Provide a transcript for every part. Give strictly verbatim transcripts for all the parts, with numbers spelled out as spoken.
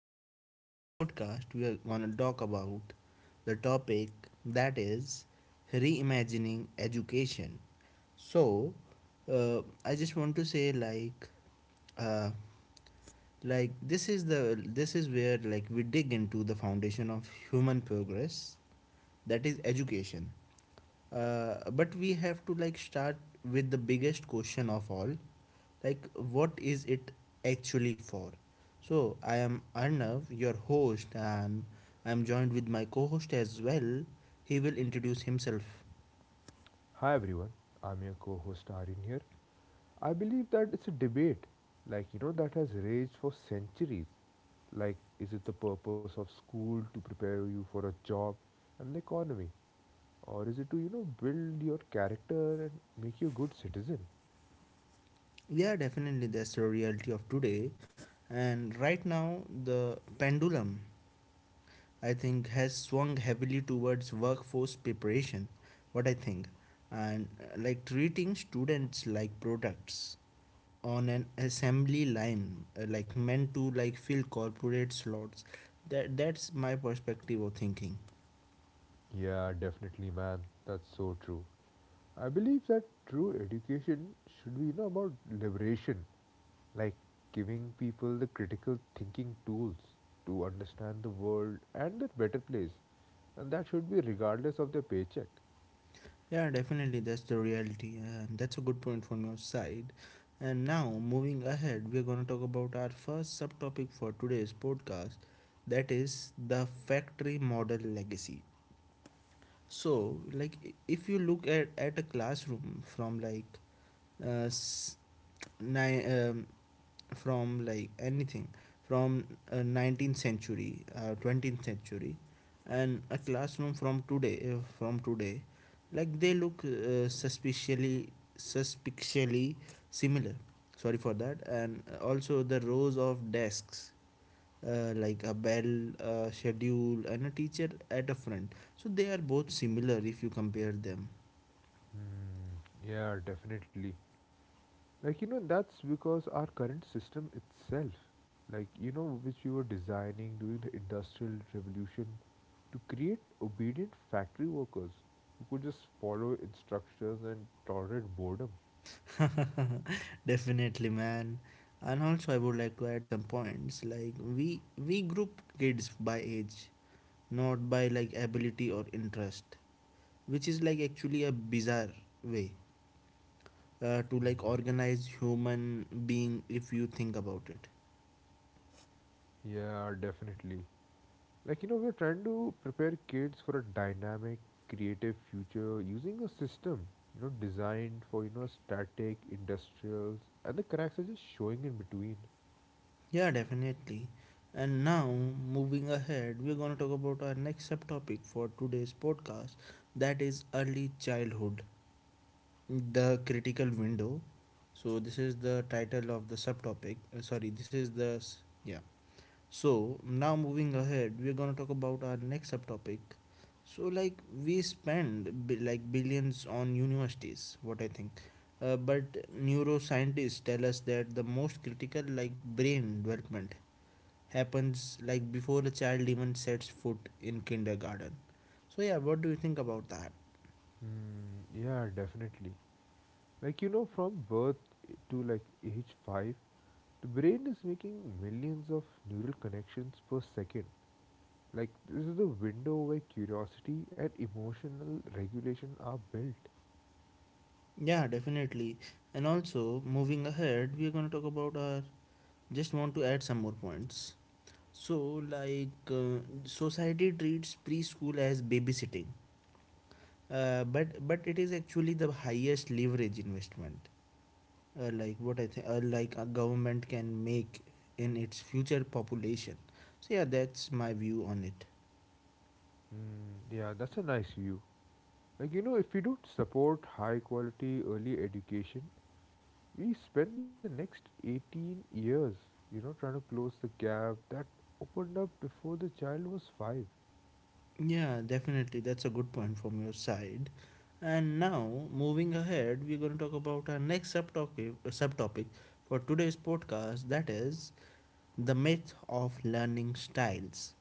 today in this podcast, we are going to talk about the topic that is reimagining education. So, uh, I just want to say, like, uh, like this is the this is where like we dig into the foundation of human progress that is education uh, but we have to like start with the biggest question of all, like what is it actually for. So I am Arnav, your host, and I am joined with my co-host as well. He will introduce himself. Hi everyone, I'm your co-host Arin here. I believe that it's a debate, like you know, that has raged for centuries. Like, is it the purpose of school to prepare you for a job and the economy, or is it to you know build your character and make you a good citizen? Yeah, definitely, that's the reality of today. And right now the pendulum, I think, has swung heavily towards workforce preparation. What I think, and uh, like treating students like products on an assembly line, uh, like meant to like fill corporate slots. That that's my perspective of thinking. Yeah, definitely, man. That's so true. I believe that true education should be you know about liberation, like giving people the critical thinking tools to understand the world and their better place, and that should be regardless of their paycheck. Yeah, definitely, that's the reality, and that's a good point from your side. And now, moving ahead, we're gonna talk about our first subtopic for today's podcast, that is the factory model legacy. So, like, i- if you look at, at a classroom from like uh, s- ni- um, from like anything from uh, nineteenth century, uh, twentieth century, and a classroom from today, uh, from today, like they look uh, suspiciously, suspiciously similar. Sorry for that. And also the rows of desks, uh, like a bell uh, schedule and a teacher at a front, so they are both similar if you compare them. Hmm, yeah, definitely. Like, you know, that's because our current system itself, like, you know, which we were designing during the Industrial Revolution to create obedient factory workers who could just follow instructions and tolerate boredom. Definitely, man. And also I would like to add some points. Like we we group kids by age, not by like ability or interest, which is like actually a bizarre way uh, to like Mhm. organize human being, if you think about it. Yeah, definitely. Like, you know, we're trying to prepare kids for a dynamic, creative future using a system, you know, designed for, you know, static, industrials, and the cracks are just showing in between. Yeah, definitely. And now, moving ahead, we're going to talk about our next subtopic for today's podcast, that is early childhood, the critical window. So, this is the title of the subtopic. Uh, sorry, this is the. S- Yeah. So, now moving ahead, we're going to talk about our next subtopic. So, like, we spend bi- like billions on universities, what I think. Uh, but neuroscientists tell us that the most critical, like, brain development happens like before the child even sets foot in kindergarten. So yeah, what do you think about that? Hmm, yeah, definitely. Like, you know, from birth to like age five, the brain is making millions of neural connections per second. Like, this is the window where curiosity and emotional regulation are built. Yeah, definitely. And also, moving ahead, we are going to talk about our. Just want to add some more points. So, like, uh, society treats preschool as babysitting, uh, but but it is actually the highest leverage investment. Uh, like what I think, uh, like a government can make in its future population. So yeah, that's my view on it. Mm, yeah, that's a nice view. Like, you know, if we don't support high quality early education, we spend the next eighteen years, you know, trying to close the gap that opened up before the child was five. Yeah, definitely. That's a good point from your side. And now, moving ahead, we're going to talk about our next subtopic, subtopic for today's podcast, that is the myth of learning styles.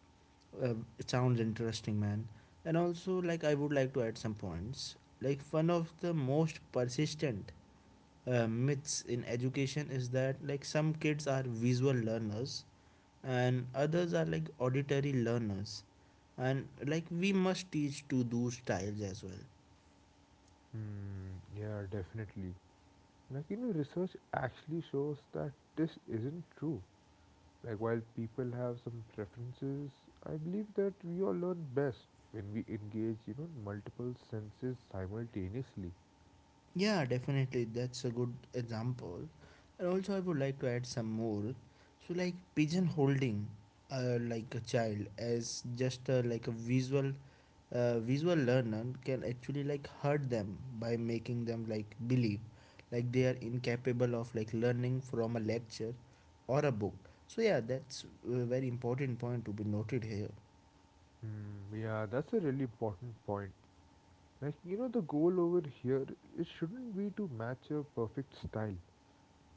Uh, it sounds interesting, man. And also, like, I would like to add some points. Like, one of the most persistent uh, myths in education is that, like, some kids are visual learners and others are like auditory learners, and like we must teach to those styles as well. Hmm, yeah, definitely. Like, you know, research actually shows that this isn't true. Like, while people have some preferences, I believe that we all learn best when we engage, you know, in multiple senses simultaneously. Yeah, definitely, that's a good example. And also I would like to add some more. So like pigeon holding, uh, like a child as just uh, like a visual uh, visual learner can actually like hurt them by making them like believe like they are incapable of like learning from a lecture or a book. So yeah, that's a very important point to be noted here. Hmm, yeah, that's a really important point. Like, you know, the goal over here, it shouldn't be to match a perfect style,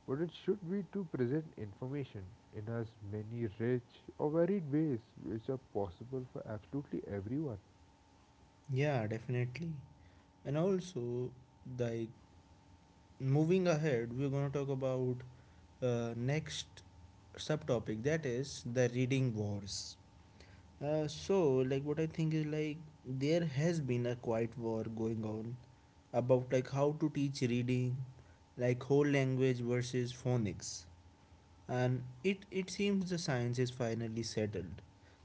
but it should be to present information in as many rich or varied ways which are possible for absolutely everyone. Yeah, definitely. And also, like moving ahead, we're going to talk about uh, next subtopic, that is the reading wars. Uh, so like what I think is, like there has been a quiet war going on about like how to teach reading, like whole language versus phonics, and it it seems the science is finally settled.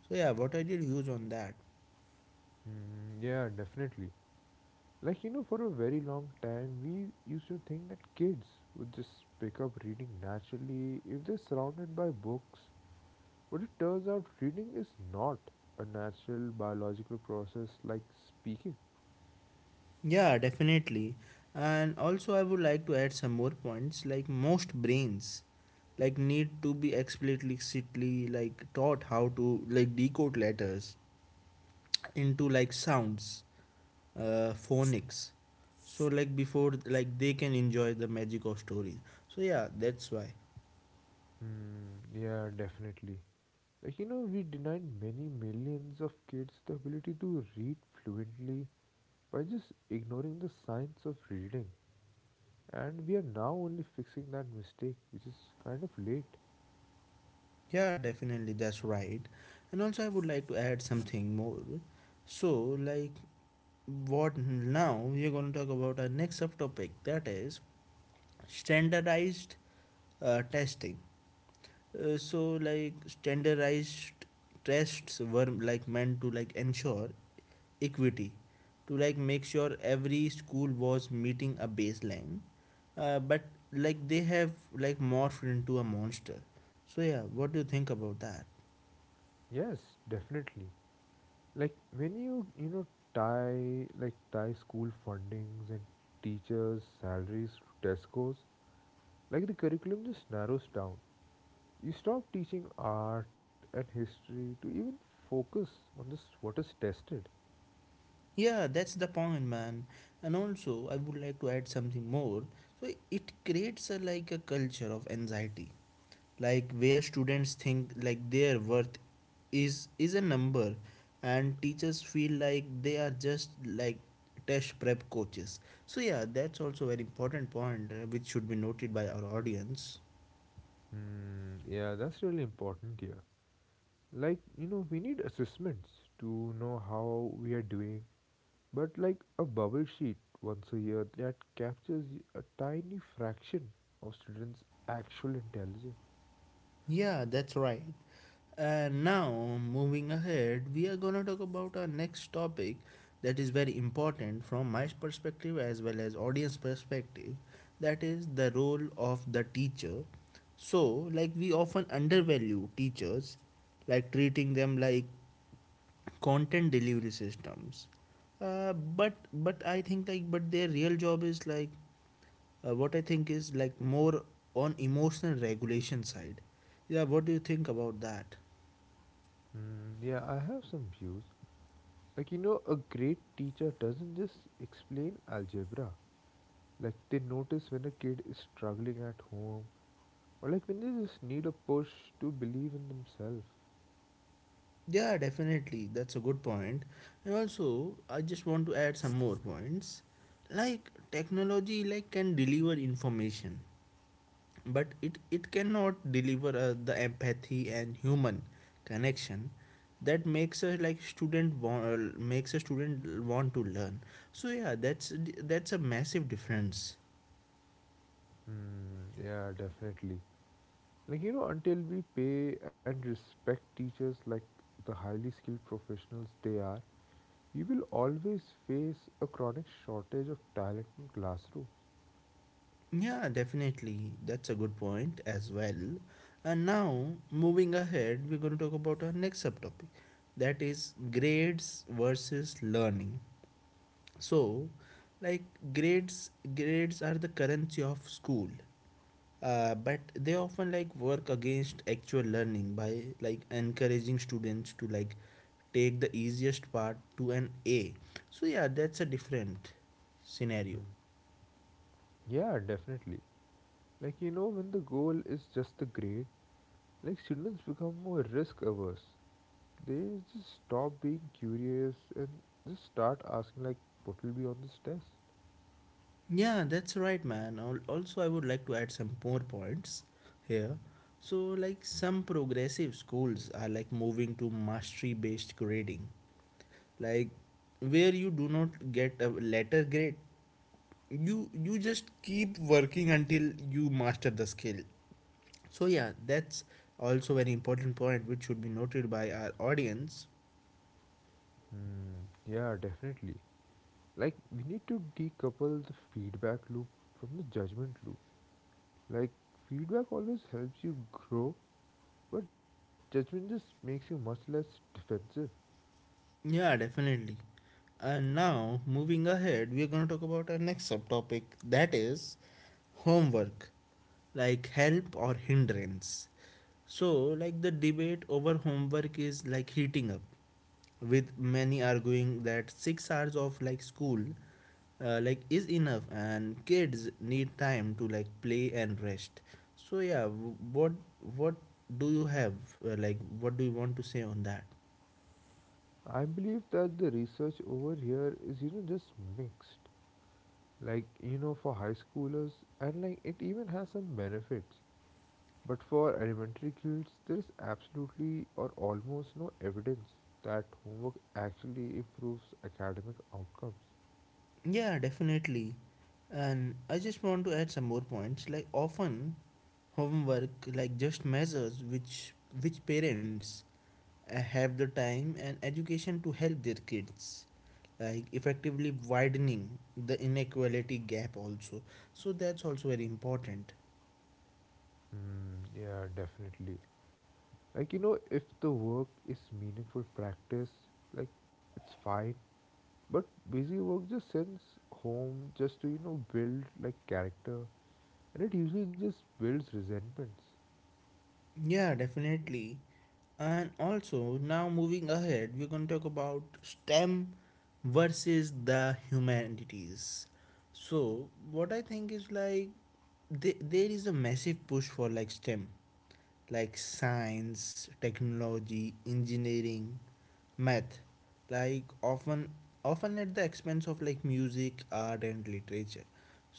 So yeah, what are your views on that? Hmm, yeah, definitely. Like, you know, for a very long time, we used to think that kids would just pick up reading naturally if they're surrounded by books. But it turns out reading is not a natural biological process like speaking. Yeah, definitely. And also, I would like to add some more points. Like most brains, like need to be explicitly like taught how to like decode letters into like sounds, uh, phonics. So like before like they can enjoy the magic of stories. So yeah, that's why. Hmm, yeah, definitely. Like, you know, we denied many millions of kids the ability to read fluently by just ignoring the science of reading. And we are now only fixing that mistake, which is kind of late. Yeah, definitely, that's right. And also, I would like to add something more. So like, what now? We're going to talk about our next subtopic. That is standardized uh, testing. Uh, so like standardized tests were like meant to like ensure equity, to like make sure every school was meeting a baseline, uh, but like they have like morphed into a monster. So yeah, what do you think about that? Yes, definitely. Like when you, you know, tie like tie school fundings and teachers' salaries to test scores, like the curriculum just narrows down. You stop teaching art and history to even focus on just what is tested. Yeah, that's the point, man. And also I would like to add something more. So it creates a like a culture of anxiety, like where students think like their worth is is a number, and teachers feel like they are just like test prep coaches. So yeah, that's also very important point, uh, which should be noted by our audience. Mm, yeah, that's really important here. Like, you know, we need assessments to know how we are doing, but like a bubble sheet once a year that captures y- a tiny fraction of students' actual intelligence. Yeah, that's right. And now, moving ahead, we are going to talk about our next topic, that is very important from my perspective as well as audience perspective, that is the role of the teacher. So, like we often undervalue teachers, like treating them like content delivery systems. Uh, but but I think like, but their real job is like, uh, what I think is like more on emotional regulation side. Yeah, what do you think about that? Mm, yeah, I have some views. Like, you know, a great teacher doesn't just explain algebra. Like, they notice when a kid is struggling at home, or like when they just need a push to believe in themselves. Yeah, definitely. That's a good point. And also, I just want to add some more points. Like technology like can deliver information, but it it cannot deliver uh, the empathy and human connection that makes a like student wa- makes a student want to learn. So yeah, that's that's a massive difference. Mm, yeah, definitely. Like, you know, until we pay and respect teachers like the highly skilled professionals they are, we will always face a chronic shortage of talent in classrooms. Yeah, definitely. That's a good point as well. And now, moving ahead, we're going to talk about our next subtopic, that is grades versus learning. So, like grades grades are the currency of school. Uh, but they often like work against actual learning by like encouraging students to like take the easiest part to an A. So yeah, that's a different scenario. Hmm. Yeah, definitely. Like, you know, when the goal is just the grade, like, students become more risk averse. They just stop being curious and just start asking, like, what will be on this test? Yeah, that's right, man. Al- Also, I would like to add some more points here. So, like, some progressive schools are like moving to mastery based grading, like, where you do not get a letter grade, you, you just keep working until you master the skill. So, yeah, that's also an important point which should be noted by our audience. Hmm. Yeah, definitely. Like, we need to decouple the feedback loop from the judgment loop. Like, feedback always helps you grow, but judgment just makes you much less defensive. Yeah, definitely. And now, moving ahead, we're going to talk about our next subtopic, that is homework, like help or hindrance. So, like the debate over homework is like heating up, with many arguing that six hours of like school uh, like is enough, and kids need time to like play and rest. So, yeah, w- what what do you have, uh, like, what do you want to say on that? I believe that the research over here is, you know, just mixed. Like, you know, for high schoolers, and like it even has some benefits. But for elementary kids, there is absolutely or almost no evidence that homework actually improves academic outcomes. Yeah, definitely. And I just want to add some more points. Like often homework like just measures which which parents uh, have the time and education to help their kids, like effectively widening the inequality gap also. So that's also very important. Mm, yeah, definitely. Like, you know, if the work is meaningful practice, like, it's fine. But busy work just sends home just to, you know, build like character and it usually just builds resentments. Yeah, definitely. And also, now moving ahead, we're going to talk about STEM versus the humanities. So, what I think is like, th- there is a massive push for like STEM, like science, technology, engineering, math, like often often at the expense of like music, art, and literature.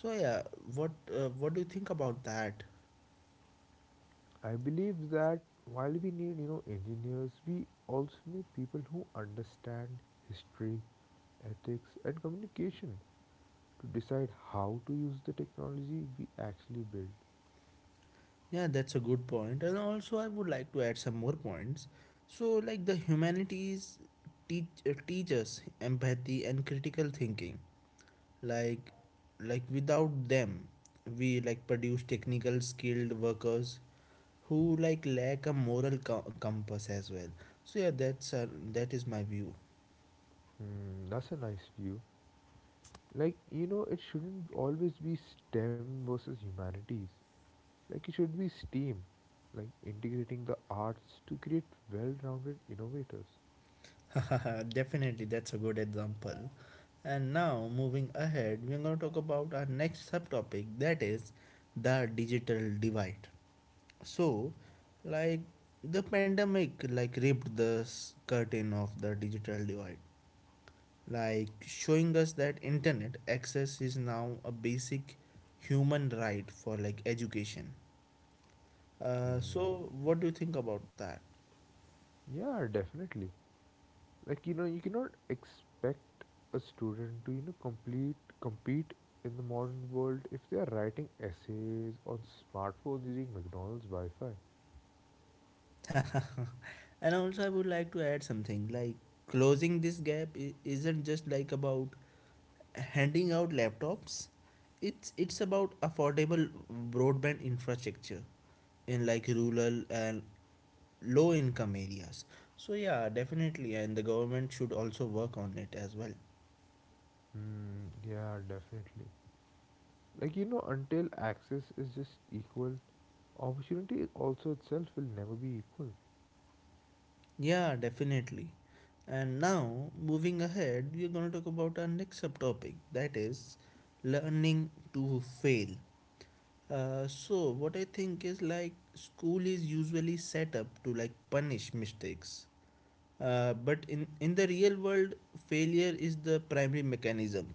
So yeah, what uh, what do you think about that? I believe that while we need, you know, engineers, we also need people who understand history, ethics and communication to decide how to use the technology we actually build. Yeah, that's a good point. And also, I would like to add some more points. So, like the humanities teach uh, teach us empathy and critical thinking. Like, like without them, we like produce technical skilled workers who like lack a moral co- compass as well. So yeah, that's uh, that is my view. Hmm, that's a nice view. Like, you know, it shouldn't always be STEM versus humanities. Like it should be STEAM, like integrating the arts to create well-rounded innovators. Definitely, that's a good example. And now, moving ahead, we're going to talk about our next subtopic, that is the digital divide. So, like the pandemic, like ripped the s- curtain of the digital divide, like showing us that internet access is now a basic human right for like education. Uh, Mm, so, what do you think about that? yeah, definitely. Like you know, you cannot expect a student to you know complete compete in the modern world if they are writing essays on smartphones using McDonald's Wi-Fi. And also I would like to add something. Like closing this gap, i- isn't just like about handing out laptops, it's it's about affordable broadband infrastructure in like rural and low income areas. So yeah, definitely, and the government should also work on it as well. Mm, yeah, definitely. Like you know, until access is just equal, opportunity also itself will never be equal. Yeah, definitely. And now, moving ahead, we're going to talk about our next subtopic, that is learning to fail. Uh, so what I think is, like school is usually set up to like punish mistakes. Uh, but in, in the real world, failure is the primary mechanism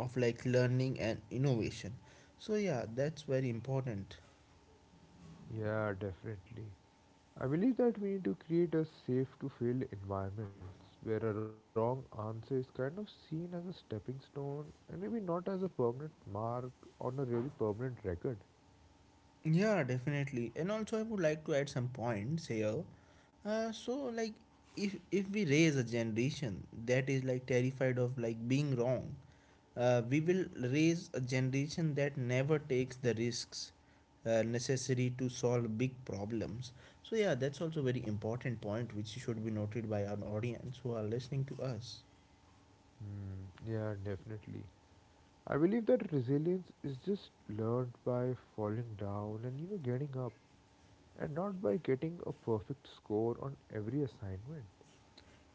of like learning and innovation. So yeah, that's very important. Yeah, definitely. I believe that we need to create a safe to fail environment where a wrong answer is kind of seen as a stepping stone and maybe not as a permanent mark on a really permanent record. Yeah, definitely. And also I would like to add some points here. Uh, so like if if we raise a generation that is like terrified of like being wrong. Uh, we will raise a generation that never takes the risks uh, necessary to solve big problems. So yeah, that's also very important point which should be noted by our audience who are listening to us. Hmm, yeah, definitely. I believe that resilience is just learned by falling down and you know getting up and not by getting a perfect score on every assignment.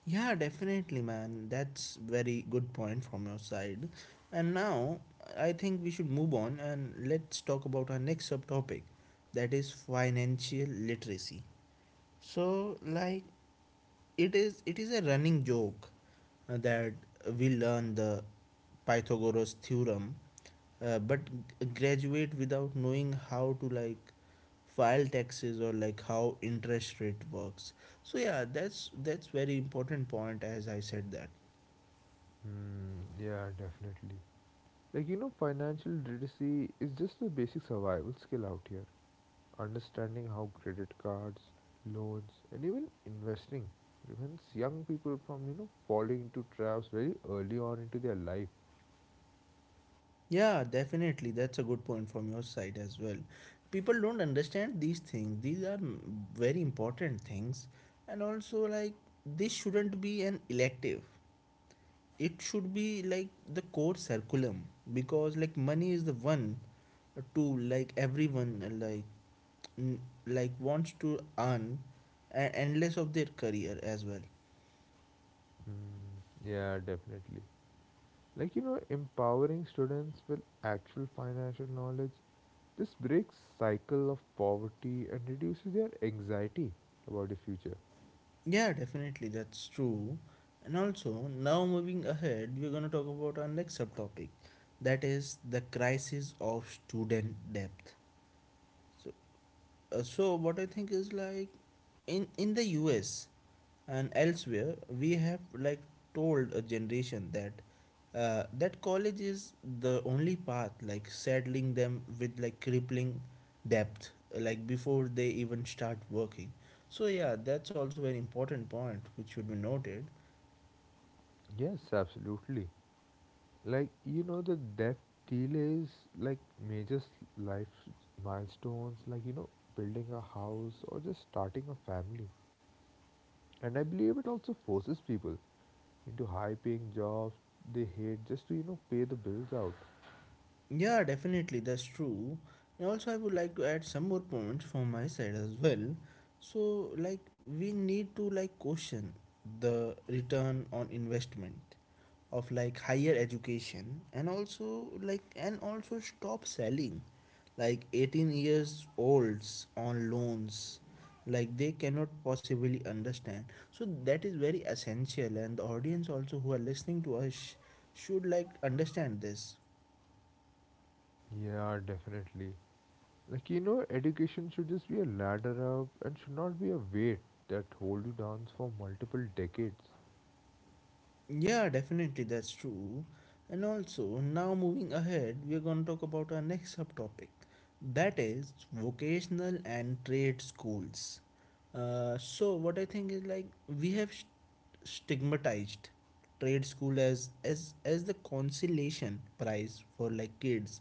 Yeah, definitely, man. That's very good point from your side. And now I think we should move on and let's talk about our next subtopic, that is financial literacy. So like it is it is a running joke uh, that we learn the Pythagoras theorem, uh, but graduate without knowing how to like file taxes or like how interest rate works. So yeah, that's that's very important point as I said that. Hmm, yeah, definitely. Like you know financial literacy is just a basic survival skill out here. Understanding how credit cards, loans, and even investing prevents young people from, you know, falling into traps very early on into their life. Yeah, definitely that's a good point from your side as well. People don't understand these things. These are mm, very important things, and also like this shouldn't be an elective, it should be like the core circulum, because like money is the one to like everyone uh, like n- like wants to earn a- endless of their career as well. Mm, yeah, definitely. Like, you know, empowering students with actual financial knowledge this breaks cycle of poverty and reduces their anxiety about the future. Yeah, definitely, that's true. And also now moving ahead we're going to talk about our next subtopic that is the crisis of student debt. So uh, so what I think is like in in the us and elsewhere we have like told a generation that uh, that college is the only path, like saddling them with like crippling debt, like before they even start working. So yeah, that's also an important point which should be noted. Yes, absolutely. Like, you know, the that delays like major s- life milestones, like, you know, building a house or just starting a family. And I believe it also forces people into high paying jobs they hate just to, you know, pay the bills out. Yeah, definitely, that's true. And also, I would like to add some more points from my side as well. So, like, we need to like question the return on investment of like higher education, and also like, and also stop selling like eighteen years olds on loans like they cannot possibly understand. So that is very essential, and the audience also who are listening to us should like understand this. Yeah, definitely. Like, you know, education should just be a ladder up and should not be a weight that hold you down for multiple decades. Yeah, definitely, that's true. And also, now moving ahead, we are going to talk about our next subtopic that is vocational and trade schools. Uh, so, what I think is like we have st- stigmatized trade school as, as as the consolation prize for like kids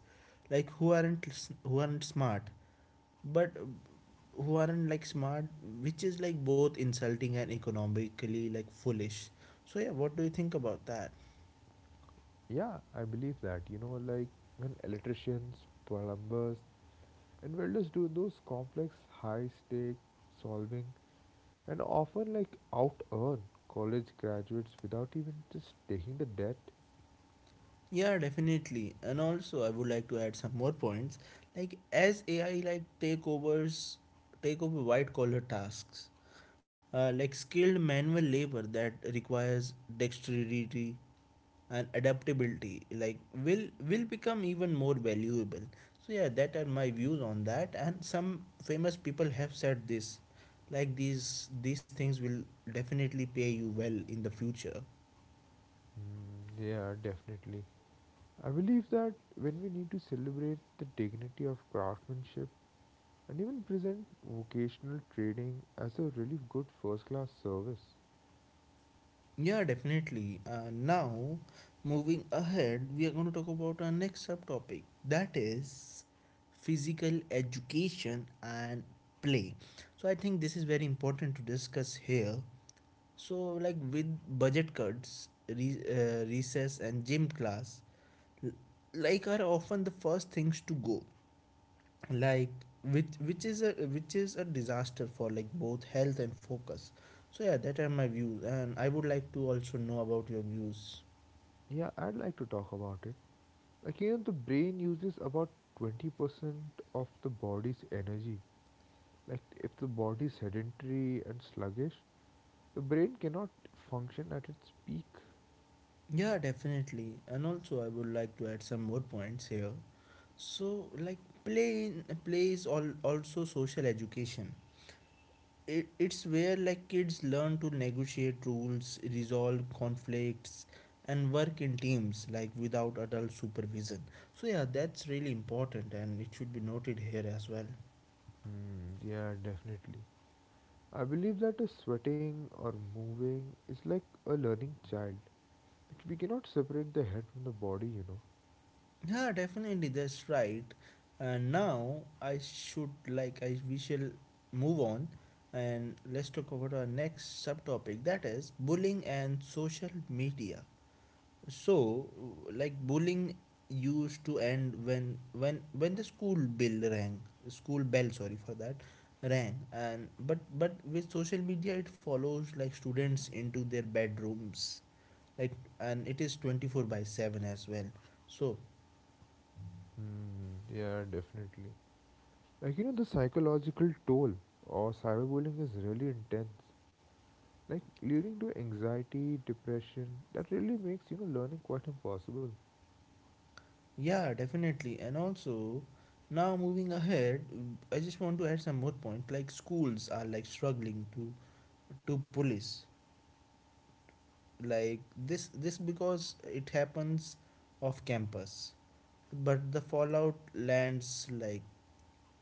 like who aren't s- who aren't smart, but who aren't like smart, which is like both insulting and economically like foolish. So yeah, what do you think about that? Yeah, I believe that. You know, like when electricians, plumbers, and welders do those complex, high stake solving and often like out earn college graduates without even just taking the debt. Yeah, definitely. And also I would like to add some more points. Like as AI like takeovers take over white collar tasks, uh, like skilled manual labor that requires dexterity and adaptability like will will become even more valuable. So yeah, that are my views on that, and some famous people have said this, like these these things will definitely pay you well in the future. Mm, yeah, definitely. I believe that when we need to celebrate the dignity of craftsmanship and even present vocational training as a really good first class service. Yeah, definitely. Uh, now moving ahead, we are going to talk about our next subtopic that is physical education and play. So I think this is very important to discuss here. So, like with budget cuts, re- uh, recess, and gym class, l- like are often the first things to go. Like which which is a which is a disaster for like both health and focus. So yeah, that are my views, and I would like to also know about your views. Yeah, I'd like to talk about it. Again, the brain uses about twenty percent of the body's energy. Like, if the body is sedentary and sluggish, the brain cannot function at its peak. Yeah, definitely, and also I would like to add some more points here. So like play in, play is all also social education. It, it's where like kids learn to negotiate rules, resolve conflicts, and work in teams like without adult supervision. So yeah, that's really important and it should be noted here as well. Hmm, yeah, definitely. I believe that a sweating or moving is like a learning child. Like we cannot separate the head from the body, you know. Yeah, definitely, that's right. And now I should like I we shall move on and let's talk about our next subtopic that is bullying and social media. So, like bullying used to end when when when the school bell rang, school bell, sorry for that, rang, and but but with social media it follows like students into their bedrooms, like, and it is twenty four by seven as well. So Hmm, yeah, definitely. Like you know, the psychological toll or cyberbullying is really intense. Like leading to anxiety, depression. That really makes you know learning quite impossible. yeah, definitely, and also now moving ahead, I just want to add some more point. Like schools are like struggling to to police like this this because it happens off campus, but the fallout lands like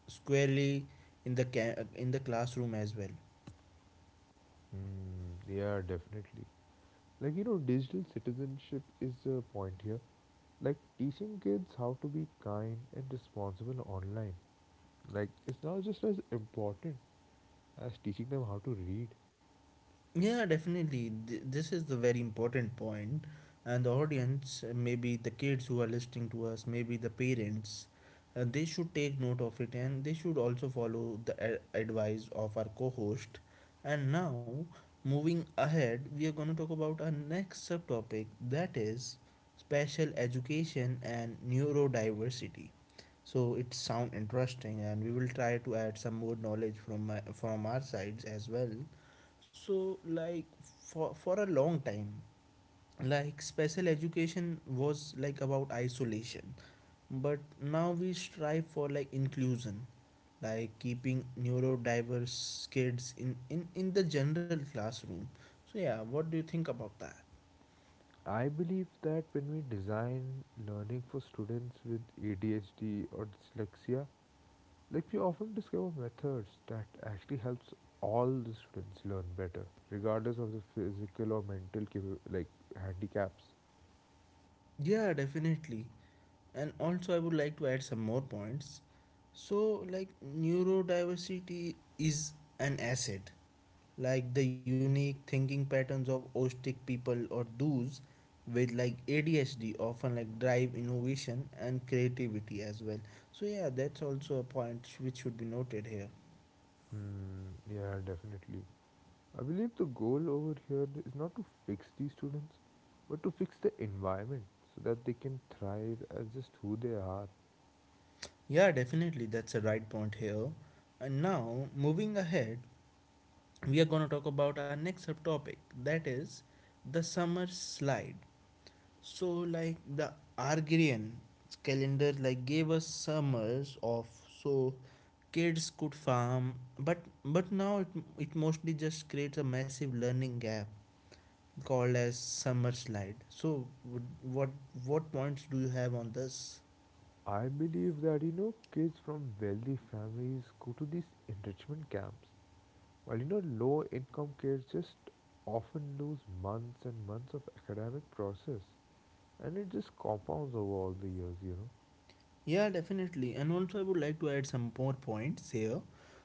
squarely in the ca- in the classroom as well. Hmm, yeah, definitely. Like, you know, digital citizenship is the point here. Like, teaching kids how to be kind and responsible online, like, it's now just as important as teaching them how to read. Yeah, definitely. Th- This is the very important point. And the audience, uh, maybe the kids who are listening to us, maybe the parents, uh, they should take note of it and they should also follow the a- advice of our co host. And now, moving ahead, we are going to talk about our next subtopic that is special education and neurodiversity. So it sound interesting, and we will try to add some more knowledge from my, from our sides as well. So, like for for a long time, like special education was like about isolation, but now we strive for like inclusion, like keeping neurodiverse kids in in in the general classroom. So yeah, what do you think about that? I believe that when we design learning for students with A D H D or dyslexia, like, we often discover methods that actually helps all the students learn better, regardless of the physical or mental capa- like handicaps. Yeah, definitely. And also, I would like to add some more points. So, like, neurodiversity is an asset. Like the unique thinking patterns of autistic people or those with like A D H D often like drive innovation and creativity as well. So yeah, that's also a point which should be noted here. Hmm, yeah, definitely. I believe the goal over here is not to fix these students, but to fix the environment so that they can thrive as just who they are. Yeah, definitely that's a right point here. And now moving ahead, we are going to talk about our next subtopic that is the summer slide. So like the Argirian calendar like gave us summers of so kids could farm, but but now it, it mostly just creates a massive learning gap called as summer slide. So would- what what points do you have on this? I believe that you know kids from wealthy families go to these enrichment camps, while you know low income kids just often lose months and months of academic process, and it just compounds over all the years, you know. Yeah, definitely. And also, I would like to add some more points here.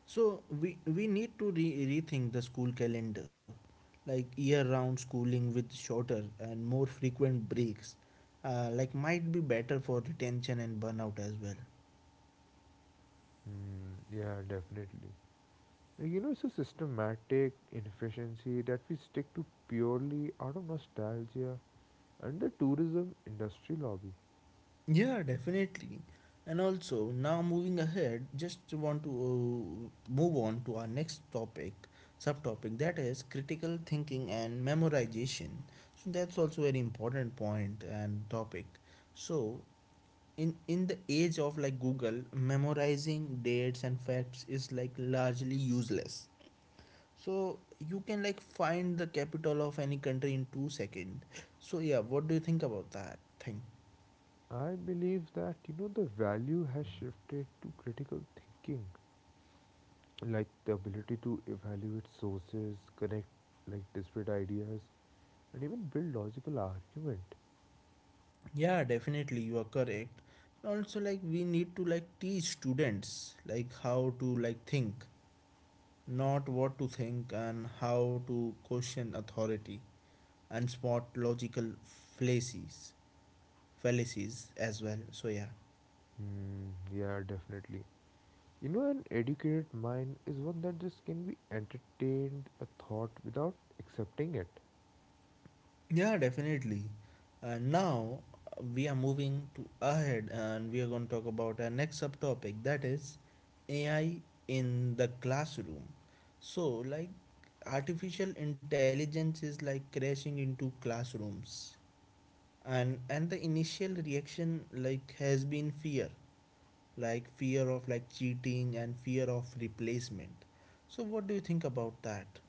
So we we need to re- rethink the school calendar, like year-round schooling with shorter and more frequent breaks, uh, like might be better for retention and burnout as well. Mm, yeah, definitely. Like, you know, it's a systematic inefficiency that we stick to purely out of nostalgia and the tourism industry lobby. Yeah, definitely. And also, now moving ahead, just want to uh, move on to our next topic, subtopic that is critical thinking and memorization. So that's also very important point and topic. So in in the age of like Google, memorizing dates and facts is like largely useless. So you can like find the capital of any country in two seconds. So yeah, what do you think about that thing? I believe that you know the value has shifted to critical thinking, like the ability to evaluate sources, connect like disparate ideas, and even build logical argument. Yeah definitely you are correct. Also like we need to like teach students like how to like think, not what to think, and how to question authority and spot logical fallacies fallacies as well. So yeah. Hmm, yeah, definitely. You know, an educated mind is one that just can be entertained a thought without accepting it. Yeah, definitely. Uh, now uh, we are moving to ahead and we are going to talk about our next subtopic that is A I in the classroom. So, like artificial intelligence is like crashing into classrooms, and and the initial reaction like has been fear, like fear of like cheating and fear of replacement. So, what do you think about that?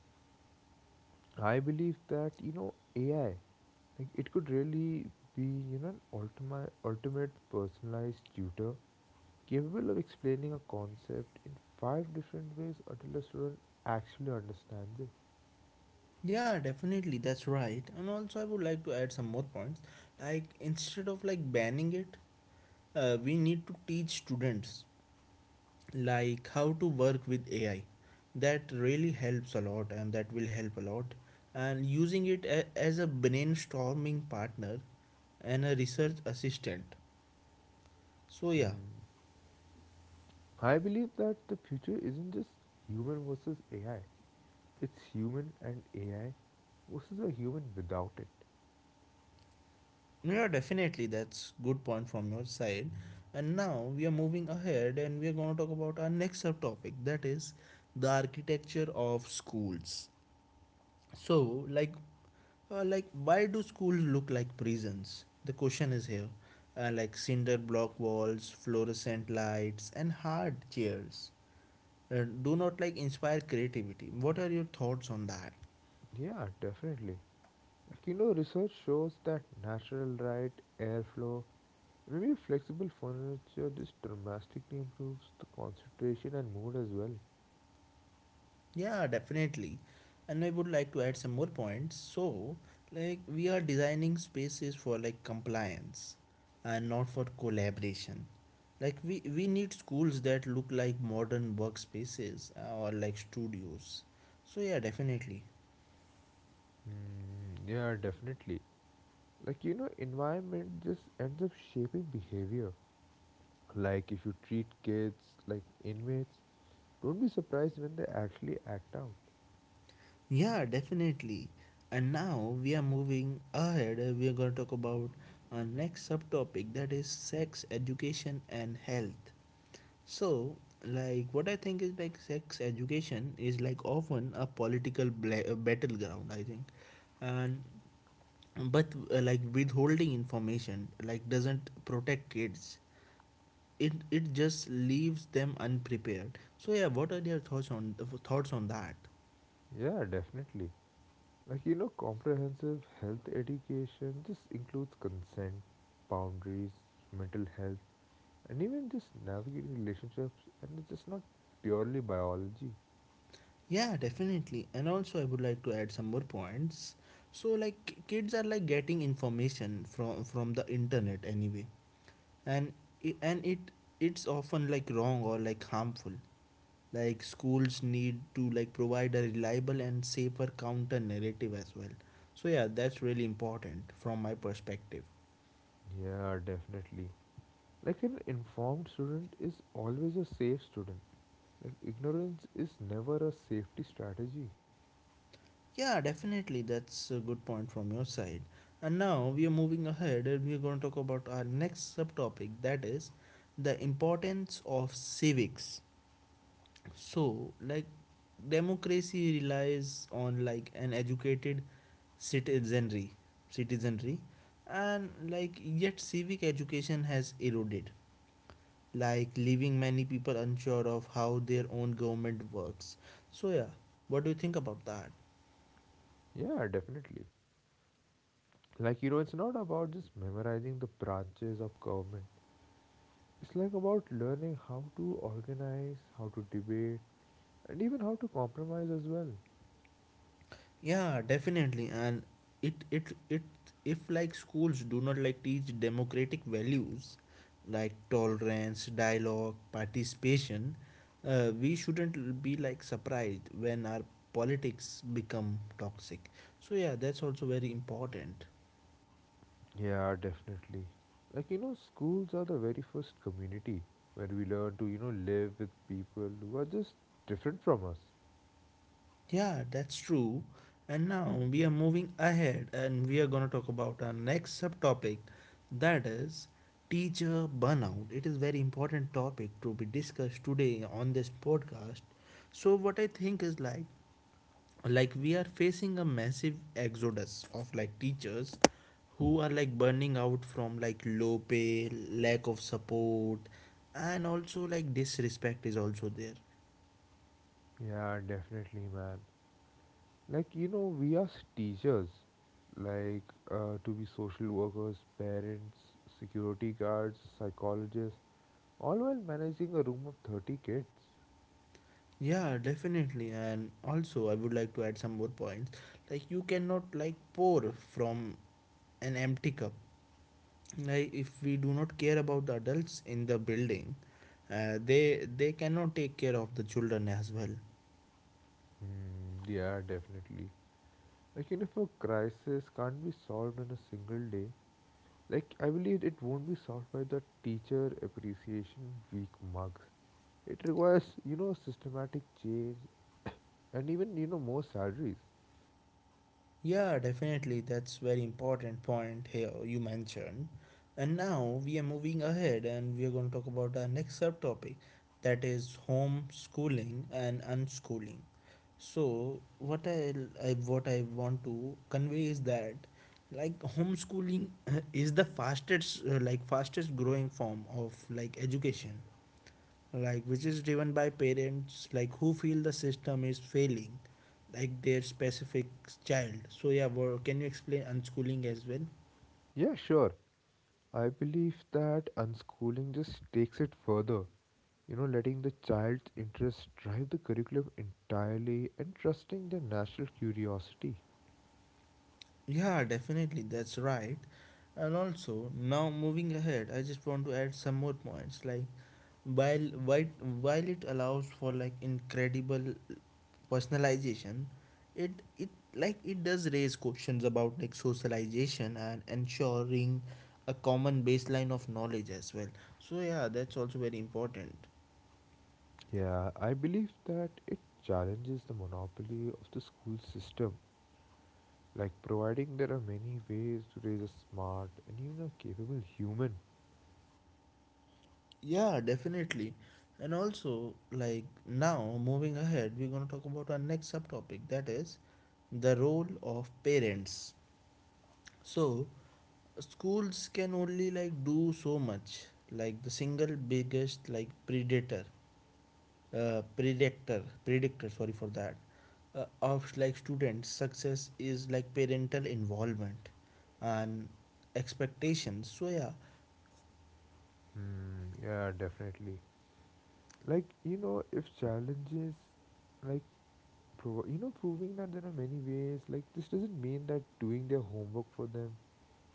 I believe that you know A I, like it could really be you know an ultimate ultimate personalized tutor capable of explaining a concept in five different ways until a student actually understands it. Yeah, definitely, that's right. And also, I would like to add some more points. Like instead of like banning it, uh, we need to teach students like how to work with A I. That really helps a lot, and that will help a lot. And using it a- as a brainstorming partner and a research assistant. So yeah. Hmm. I believe that the future isn't just human versus A I, it's human and A I versus a human without it. Yeah, definitely. That's good point from your side. And now we are moving ahead and we are going to talk about our next subtopic that is the architecture of schools. So, like uh, like why do schools look like prisons? The question is here. Uh, like cinder block walls, fluorescent lights and hard chairs. Uh, do not like inspire creativity. What are your thoughts on that? Yeah, definitely. Like, you know, research shows that natural light, airflow, maybe flexible furniture just dramatically improves the concentration and mood as well. Yeah, definitely. And I would like to add some more points. So, like, we are designing spaces for like compliance and not for collaboration. Like, we, we need schools that look like modern workspaces uh, or like studios. So, yeah, definitely. Hmm, yeah, definitely. Like you know environment just ends up shaping behavior. Like if you treat kids like inmates don't be surprised when they actually act out. Yeah, definitely. And now we are moving ahead. uh, We are going to talk about our next subtopic that is sex education and health. So, like, what I think is like sex education is like often a political bla- uh, battleground, I think. And but uh, like withholding information like doesn't protect kids. It it just leaves them unprepared. So yeah, what are your thoughts on thoughts on that? Yeah, definitely. Like you know comprehensive health education just includes consent, boundaries, mental health, and even just navigating relationships, and it's just not purely biology. Yeah, definitely. And also I would like to add some more points. So like k- kids are like getting information from from the internet anyway. and i- and it it's often like wrong or like harmful. Like schools need to like provide a reliable and safer counter narrative as well. So yeah, that's really important from my perspective. Yeah, definitely. Like an informed student is always a safe student. Like ignorance is never a safety strategy. Yeah, definitely, that's a good point from your side. And now we are moving ahead and we're going to talk about our next subtopic, that is the importance of civics. So like democracy relies on like an educated citizenry, citizenry and like yet civic education has eroded, like leaving many people unsure of how their own government works. So yeah, what do you think about that? Yeah, definitely. Like, you know, it's not about just memorizing the branches of government. It's like about learning how to organize, how to debate, and even how to compromise as well. Yeah, definitely. And it it it if like schools do not like teach democratic values, like tolerance, dialogue, participation, uh, we shouldn't be like surprised when our politics become toxic. So yeah, that's also very important. Yeah, definitely. Like, you know, schools are the very first community where we learn to, you know, live with people who are just different from us. Yeah, that's true. And now we are moving ahead and we are going to talk about our next subtopic, that is teacher burnout. It is very important topic to be discussed today on this podcast. So what I think is like like we are facing a massive exodus of like teachers who are like burning out from like low pay, lack of support, and also like disrespect is also there. Yeah, definitely, man. Like, you know, we as teachers, like, uh, to be social workers, parents, security guards, psychologists, all while managing a room of thirty kids. Yeah, definitely. And also, I would like to add some more points. Like, you cannot like pour from an empty cup. Like, if we do not care about the adults in the building, uh, they they cannot take care of the children as well. Mm, yeah, definitely. Like, and if a crisis can't be solved in a single day, like, I believe it won't be solved by the teacher appreciation week mugs. It requires, you know, systematic change and even, you know, more salaries. Yeah, definitely. That's very important point here you mentioned. And now we are moving ahead and we are going to talk about our next subtopic, that is homeschooling and unschooling. So what I, I what I want to convey is that like homeschooling uh, is the fastest uh, like fastest growing form of like education, like which is driven by parents like who feel the system is failing like their specific child. So yeah, wha- can you explain unschooling as well? Yeah, sure. I believe that unschooling just takes it further. You know, letting the child's interests drive the curriculum entirely and trusting their natural curiosity. Yeah, definitely, that's right. And also, now moving ahead, I just want to add some more points. Like, while while while it allows for like incredible personalization, it it like it does raise questions about like socialization and ensuring a common baseline of knowledge as well. So yeah, that's also very important. Yeah, I believe that it challenges the monopoly of the school system, like providing there are many ways to raise a smart and even a capable human. Yeah, definitely. And also, like now, moving ahead, we're going to talk about our next subtopic, that is the role of parents. So, schools can only like do so much. Like the single biggest like predator, uh, predictor, predictor, sorry for that, uh, of like students' success is like parental involvement and expectations. So, yeah. Hmm, yeah, definitely. Like, you know, if challenges, like, pro- you know, proving that there are many ways, like, this doesn't mean that doing their homework for them.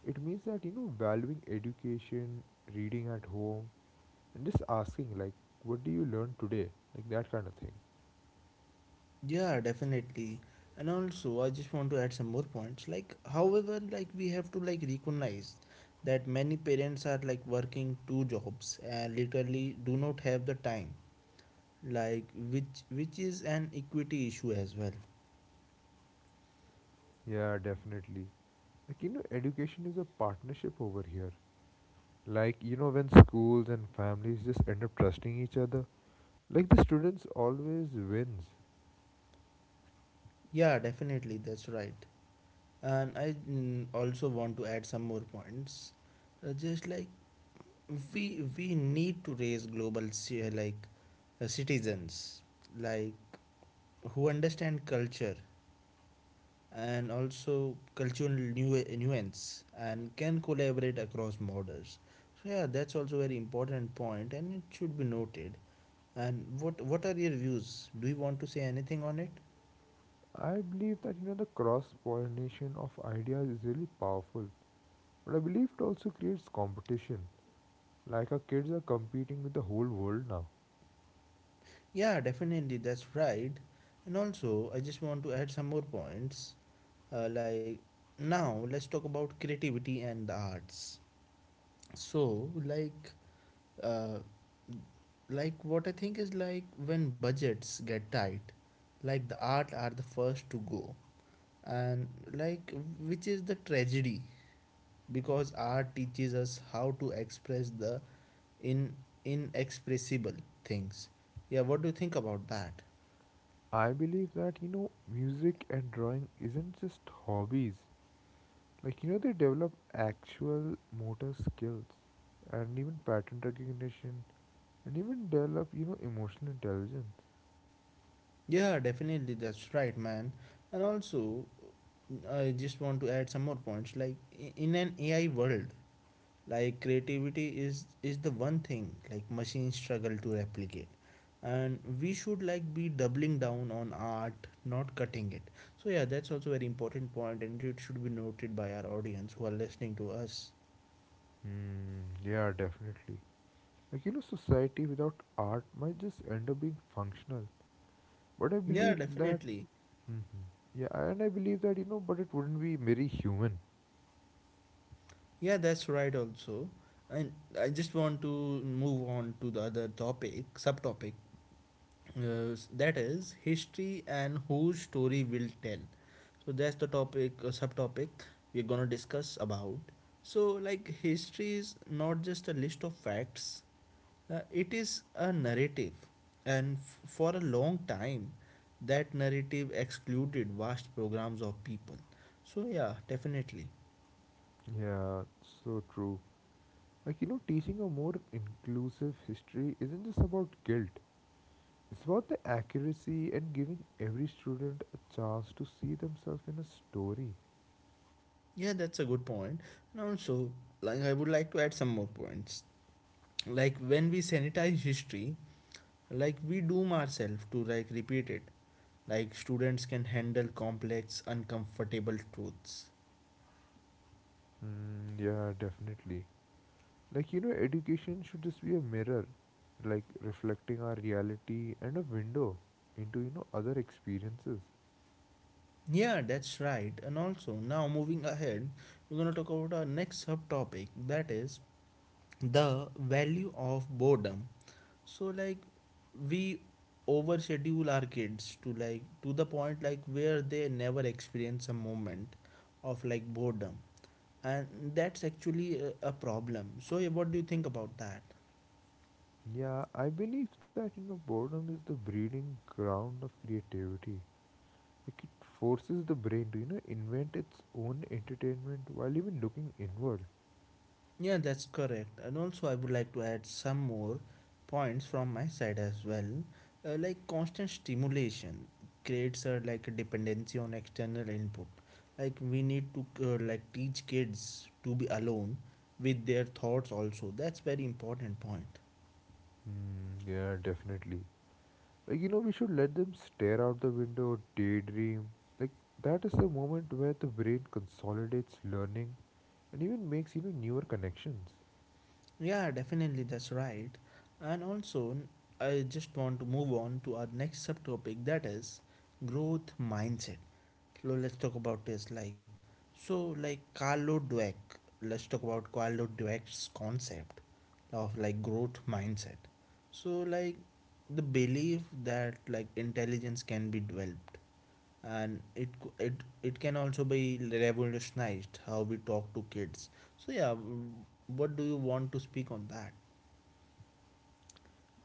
It means that, you know, valuing education, reading at home, and just asking, like, what do you learn today? Like, that kind of thing. Yeah, definitely. And also, I just want to add some more points. Like, however, like we have to like recognize that many parents are like working two jobs and literally do not have the time. Like, which which is an equity issue as well. Yeah, definitely. Like, you know, education is a partnership over here. Like, you know, when schools and families just end up trusting each other, like the students always wins. Yeah, definitely, that's right. And I mm, also want to add some more points. Uh, just like we we need to raise global ci- like uh, citizens like who understand culture and also cultural nu- nuance and can collaborate across borders. So yeah, that's also very important point and it should be noted. And what what are your views? Do you want to say anything on it? I believe that, you know, the cross pollination of ideas is really powerful. But I believe it also creates competition. Like, our kids are competing with the whole world now. Yeah, definitely, that's right. And also I just want to add some more points. Uh, like now let's talk about creativity and the arts. So like, uh, like what I think is like when budgets get tight, like the art are the first to go. And like, which is the tragedy, because art teaches us how to express the in inexpressible things. Yeah, what do you think about that? I believe that, you know, music and drawing isn't just hobbies, like you know they develop actual motor skills and even pattern recognition and even develop you know emotional intelligence. Yeah, definitely, that's right, man. And also I just want to add some more points. Like i- in an AI world, like creativity is is the one thing like machines struggle to replicate, and we should like be doubling down on art, not cutting it. So yeah, that's also very important point and it should be noted by our audience who are listening to us. Hmm, yeah, definitely. Like, you know, society without art might just end up being functional. But I Yeah, believe that, definitely. Mhm. Yeah, and I believe that, you know, but it wouldn't be very human. Yeah, that's right also. And I just want to move on to the other topic subtopic, uh, that is history and whose story will tell. So that's the topic, uh, subtopic we're gonna discuss about. So like history is not just a list of facts, uh, it is a narrative. And f- for a long time that narrative excluded vast programs of people. So yeah, definitely. Yeah, so true. Like, you know, teaching a more inclusive history isn't just about guilt. It's about the accuracy and giving every student a chance to see themselves in a story. Yeah, that's a good point point. And also, like I would like to add some more points. Like when we sanitize history, like we doom ourselves to like repeat it. Like students can handle complex uncomfortable truths. Mm, yeah, definitely. Like, you know, education should just be a mirror, like reflecting our reality and a window into, you know, other experiences. Yeah, that's right. And also now moving ahead, we're going to talk about our next subtopic, that is the value of boredom. So like we overschedule our kids to like to the point like where they never experience a moment of like boredom. And that's actually a, a problem. So yeah, what do you think about that? Yeah, I believe that, you know, boredom is the breeding ground of creativity. Like, it forces the brain to, you know, invent its own entertainment while even looking inward. Yeah, that's correct. And also, I would like to add some more points from my side as well. Uh, like constant stimulation creates a like a dependency on external input. Like we need to uh, like teach kids to be alone with their thoughts also. That's very important point. Mm, yeah, definitely. Like, you know, we should let them stare out the window, daydream. Like, that is the moment where the brain consolidates learning and even makes, you know, newer connections. Yeah, definitely, that's right. And also, I just want to move on to our next subtopic, that is growth mindset. So let's talk about this. Like, so like Carlo Dweck. Let's talk about Carlo Dweck's concept of like growth mindset. So like the belief that like intelligence can be developed, and it c- it it can also be revolutionized how we talk to kids. So yeah, w- what do you want to speak on that?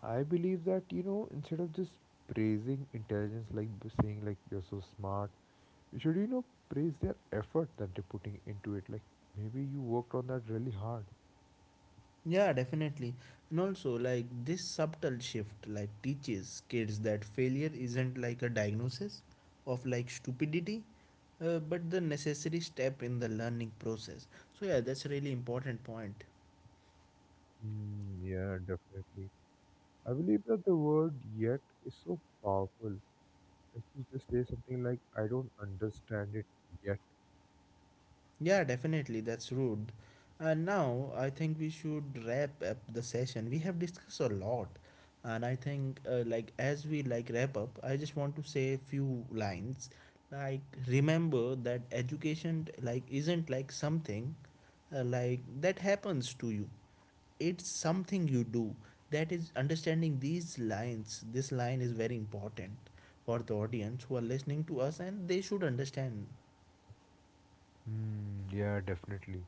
I believe that, you know, instead of just praising intelligence, like b- saying, like, you're so smart, we should, you know, praise their effort that they're putting into it. Like, maybe you worked on that really hard. Yeah, definitely. And also like this subtle shift like teaches kids that failure isn't like a diagnosis of like stupidity, uh, but the necessary step in the learning process. So yeah, that's a really important point. Mm, yeah, definitely. I believe that the word yet is so powerful. Like you just say something like, I don't understand it yet. Yeah, definitely. That's rude. And now I think we should wrap up the session. We have discussed a lot, and I think uh, like as we like wrap up, I just want to say a few lines. Like remember that education like isn't like something uh, like that happens to you. It's something you do. That is understanding these lines. This line is very important for the audience who are listening to us, and they should understand. Hmm. Yeah, definitely.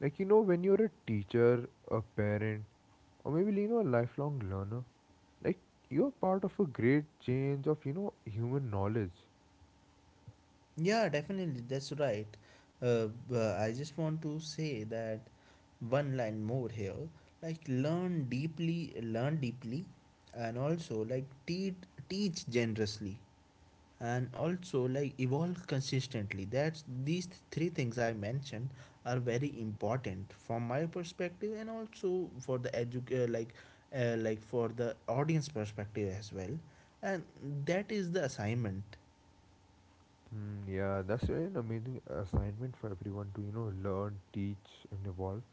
Like, you know, when you're a teacher, a parent, or maybe, you know, a lifelong learner, like, you're part of a great change of, you know, human knowledge. Yeah, definitely. That's right. Uh, but I just want to say that one line more here. Like learn deeply, learn deeply, and also like teach teach generously, and also like evolve consistently. That's these three things I mentioned are very important from my perspective, and also for the edu- uh, like uh, like for the audience perspective as well. And that is the assignment. Hmm. Yeah, that's really an amazing assignment for everyone to, you know, learn, teach, and evolve.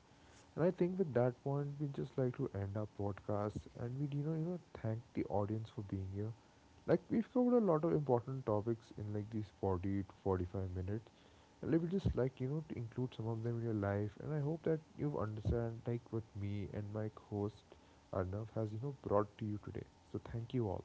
And I think with that point, we just like to end our podcast and we you know, you know, thank the audience for being here. Like we've covered a lot of important topics in like these forty to forty-five minutes, and let me just like you know to include some of them in your life. And I hope that you understand like what me and my host Arnav has you know brought to you today. So thank you all.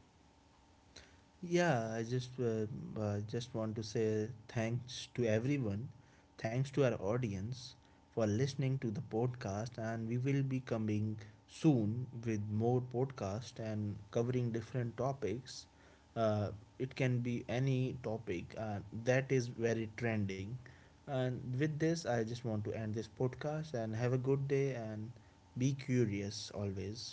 Yeah, I just uh, uh, just want to say thanks to everyone, thanks to our audience for listening to the podcast, and we will be coming soon with more podcast and covering different topics. Uh, it can be any topic uh, that is very trending, and with this, I just want to end this podcast and have a good day and be curious always.